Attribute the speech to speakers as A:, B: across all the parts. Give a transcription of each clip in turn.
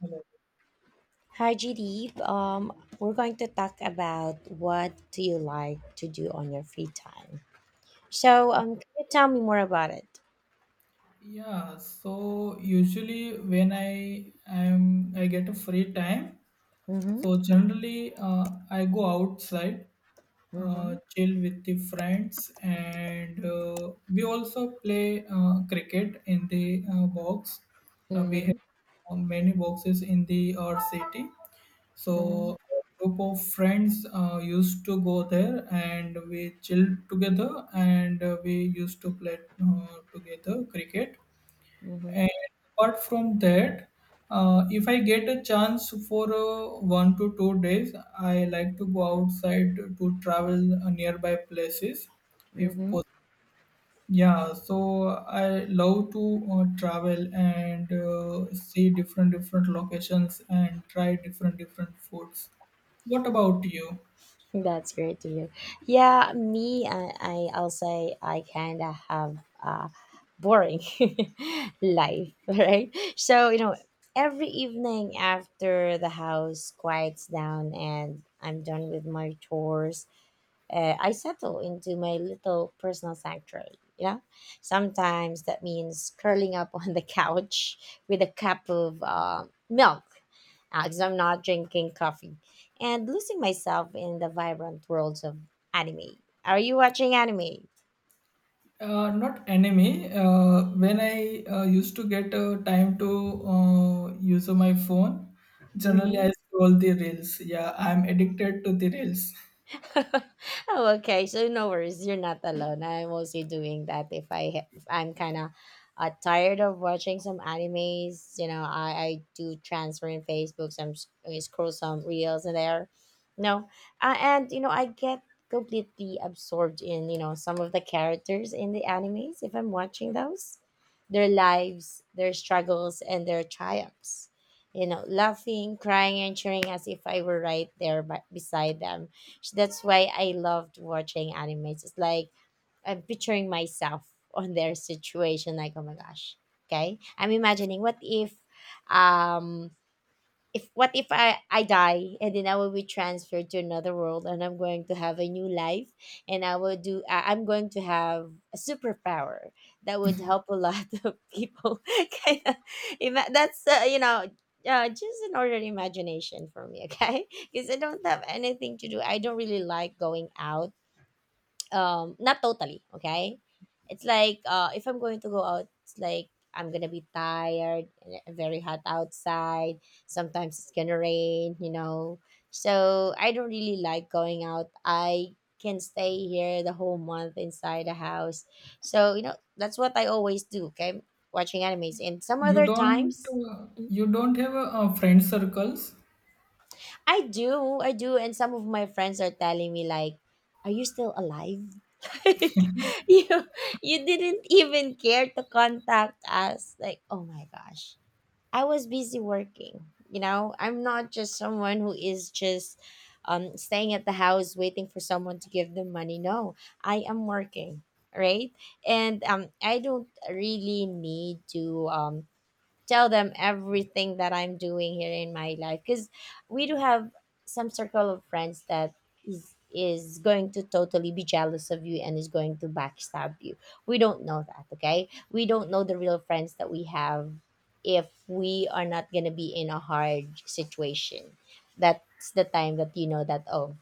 A: Hello.
B: Hi, GD. We're going to talk about what do you like to do on your free time. So, can you tell me more about it?
A: Yeah, so usually when I get a free time,
B: Mm-hmm.
A: so generally I go outside,
B: Mm-hmm.
A: chill with the friends, and we also play cricket in the box. We
B: Mm-hmm.
A: have many boxes in the our city, so
B: Mm-hmm.
A: a group of friends used to go there, and we chilled together, and we used to play together cricket.
B: Mm-hmm.
A: And apart from that, if I get a chance for 1 to 2 days, I like to go outside to travel nearby places, if
B: Mm-hmm.
A: possible. Yeah, so I love to travel and see different different locations and try different different foods. What about you?
B: That's great to hear. Yeah, me, I I'll say I kind of have a boring life, right? Every evening after the house quiets down and I'm done with my chores, I settle into my little personal sanctuary. Sometimes that means curling up on the couch with a cup of milk, because I'm not drinking coffee, and losing myself in the vibrant worlds of anime. Are you watching anime?
A: Not enemy. When I used to get time to use my phone, generally
B: Mm-hmm.
A: I scroll the reels. Yeah, I'm addicted to the reels.
B: Oh, okay. So no worries. You're not alone. I'm also doing that. If I'm kind of tired of watching some animes, I do transfer in Facebook. I scroll some reels in there. No, and I get completely absorbed in some of the characters in the animes if I'm watching those, their lives, their struggles, and their triumphs. Laughing, crying, and cheering as if I were right there by, beside them, so that's why I loved watching animes. It's like I'm picturing myself on their situation. Like, oh my gosh. Okay. I'm imagining what if um I die and then I will be transferred to another world, and I'm going to have a new life, and I will do I, I'm going to have a superpower that would help a lot of people. Kind of, that's just an ordinary imagination for me, okay? Because I don't have anything to do. I don't really like going out. Not totally okay. It's like, if I'm going to go out, it's like I'm gonna be tired and very hot outside. Sometimes it's gonna rain, you know. So I don't really like going out. I can stay here the whole month inside the house. So, you know, that's what I always do. Okay, watching animes and some
A: You
B: other
A: don't
B: times.
A: you don't have a, friend circles.
B: I do, and some of my friends are telling me like, "Are you still alive? Like, you you didn't even care to contact us." Like, oh my gosh, I was busy working. You know, I'm not just someone who is just staying at the house waiting for someone to give them money. No, I am working, right? And I don't really need to tell them everything that I'm doing here in my life, because we do have some circle of friends that is going to totally be jealous of you and is going to backstab you. We don't know that, okay? We don't know the real friends that we have if we are not going to be in a hard situation. That's the time that you know that, oh,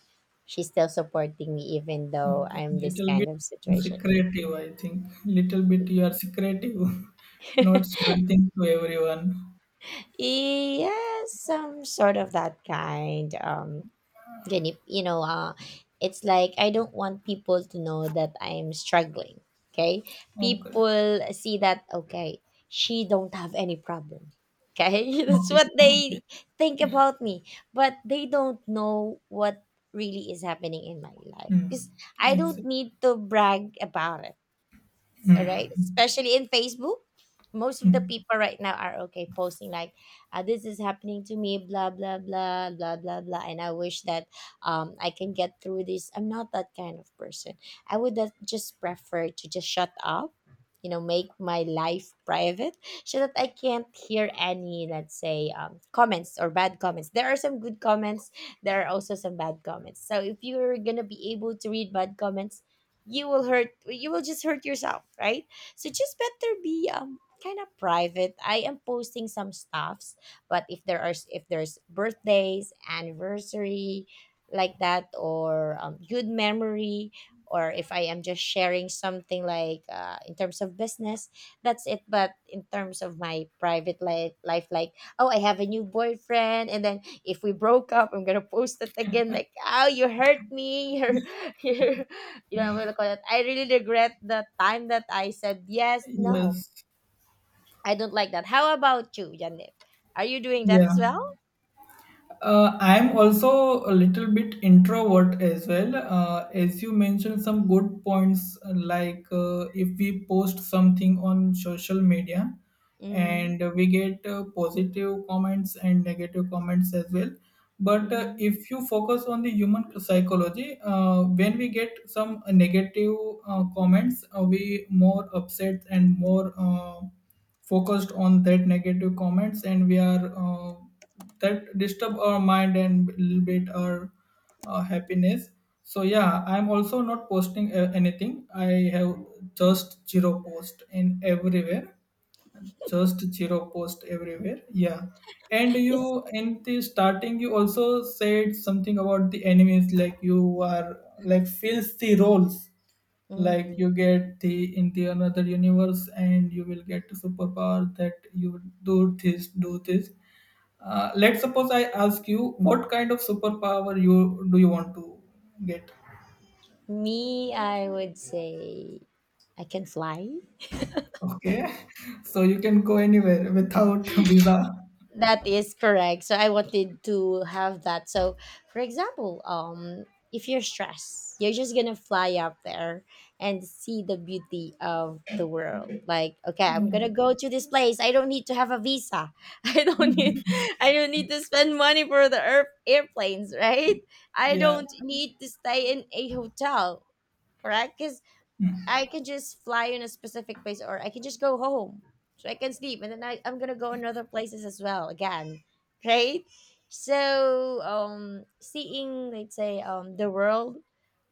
B: she's still supporting me even though
A: Okay,
B: I'm this
A: little
B: kind
A: bit
B: of situation.
A: secretive, I think. Little bit you are secretive, not everything to everyone.
B: Yes, some sort of that kind. Jenny, you know, it's like I don't want people to know that I'm struggling. Okay,
A: Okay,
B: people see that. Okay, she don't have any problem. Okay, that's
A: okay,
B: what they
A: okay.
B: think about me, but they don't know what really is happening in my life, because
A: Hmm.
B: I don't
A: Exactly.
B: need to brag about it. Alright. Especially in Facebook, most of the people right now are okay posting like, "This is happening to me," blah blah blah blah blah blah. And I wish that I can get through this. I'm not that kind of person. I would that just prefer to just shut up. You know, make my life private so that I can't hear any, let's say, comments or bad comments. There are some good comments. There are also some bad comments. So if you're gonna be able to read bad comments, you will just hurt yourself, right? So just better be kind of private. I am posting some stuffs, but if there's birthdays, anniversary like that, or good memory, or if I am just sharing something like, in terms of business, that's it. But in terms of my private life, like, oh, I have a new boyfriend, and then if we broke up I'm gonna post it again like, oh, you hurt me, you're, you know, what do you call it? I really regret the time that I said yes. No,
A: Yes.
B: I don't like that. How about you, Janip? Are you doing that
A: Yeah.
B: as well?
A: I'm also a little bit introvert as well. As you mentioned, some good points, like, if we post something on social media
B: Mm-hmm.
A: and we get positive comments and negative comments as well. But
B: Mm-hmm.
A: if you focus on the human psychology, when we get some negative comments, we more upset and more focused on that negative comments, and we are. That disturb our mind and little bit our happiness. So
B: Mm-hmm.
A: yeah, I'm also not posting anything. I have just zero post in everywhere, just zero post everywhere. Yeah, and you
B: Yes.
A: in the starting, you also said something about the enemies, like you are like fills the roles, like
B: Mm-hmm.
A: you get the in the another universe, and you will get a superpower that you do this, do this. Let's suppose I ask you, what kind of superpower you want to get?
B: Me, I would say I can fly.
A: Okay. So you can go anywhere without visa.
B: That is correct. So I wanted to have that. So for example, if you're stressed, you're just gonna fly up there and see the beauty of the world. Like, okay, I'm gonna go to this place. I don't need to have a visa. I don't need I don't need to spend money for the airplanes, right? I
A: Yeah,
B: don't need to stay in a hotel, correct? 'Cause I can just fly in a specific place, or I can just go home. So I can sleep, and then I'm gonna go in other places as well again. Right? So, seeing, let's say, the world,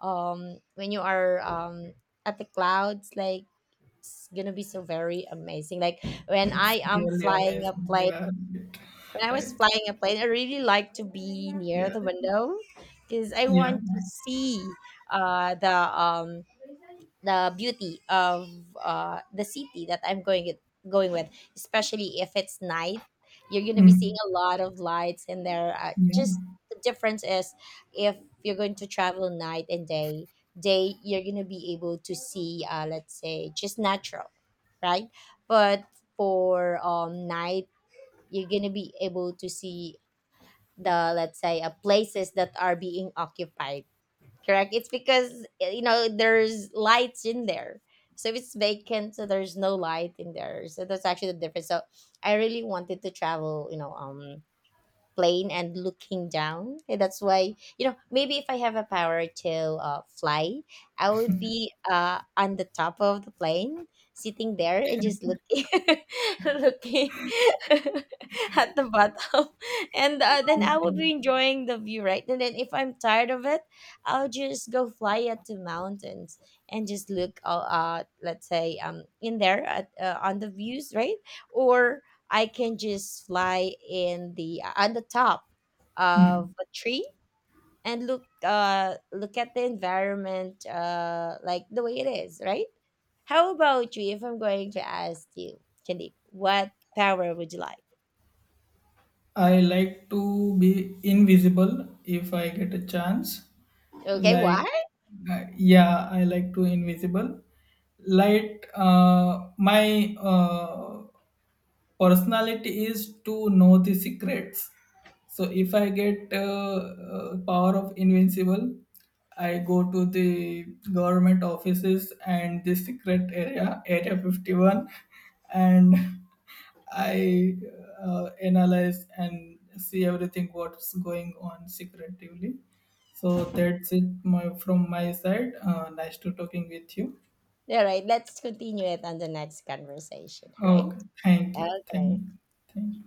B: when you are at the clouds, like, it's gonna be so very amazing.
A: it's really amazing. Yeah.
B: When I was
A: Right.
B: flying a plane, I really like to be near
A: Yeah,
B: the window, because I
A: yeah.
B: want to see uh the um the beauty of the city that going with, especially if it's night. You're gonna be
A: Mm.
B: seeing a lot of lights in there. Just
A: Yeah.
B: the difference is if you're going to travel night and day. Day, you're gonna be able to see, let's say, just natural, right? But for night, you're gonna be able to see the, let's say, places that are being occupied, correct? It's because, you know, there's lights in there. So if it's vacant, so there's no light in there, so that's actually the difference. So I really wanted to travel, you know, plane and looking down. And that's why, you know, maybe if I have a power to fly, I would be on the top of the plane, sitting there and just looking, looking at the bottom. And then I would
A: Okay.
B: be enjoying the view, right? And then if I'm tired of it, I'll just go fly at the mountains and just look, let's say, in there at on the views, right? Or I can just fly in the on the top of
A: Mm.
B: a tree and look look at the environment, like the way it is, right? How about you? If I'm going to ask you, Candy, what power would you like?
A: I like to be invisible if I get a chance.
B: Okay,
A: Like,
B: what?
A: yeah, I like to invisible light, my personality is to know the secrets. So if I get power of invincible, I go to the government offices and the secret area 51, and I analyze and see everything what's going on secretively. So that's it, from my side. Nice to talking with you.
B: All right, let's continue it on the next conversation, right?
A: Okay, thank you, thank
B: Okay.
A: you, thank you.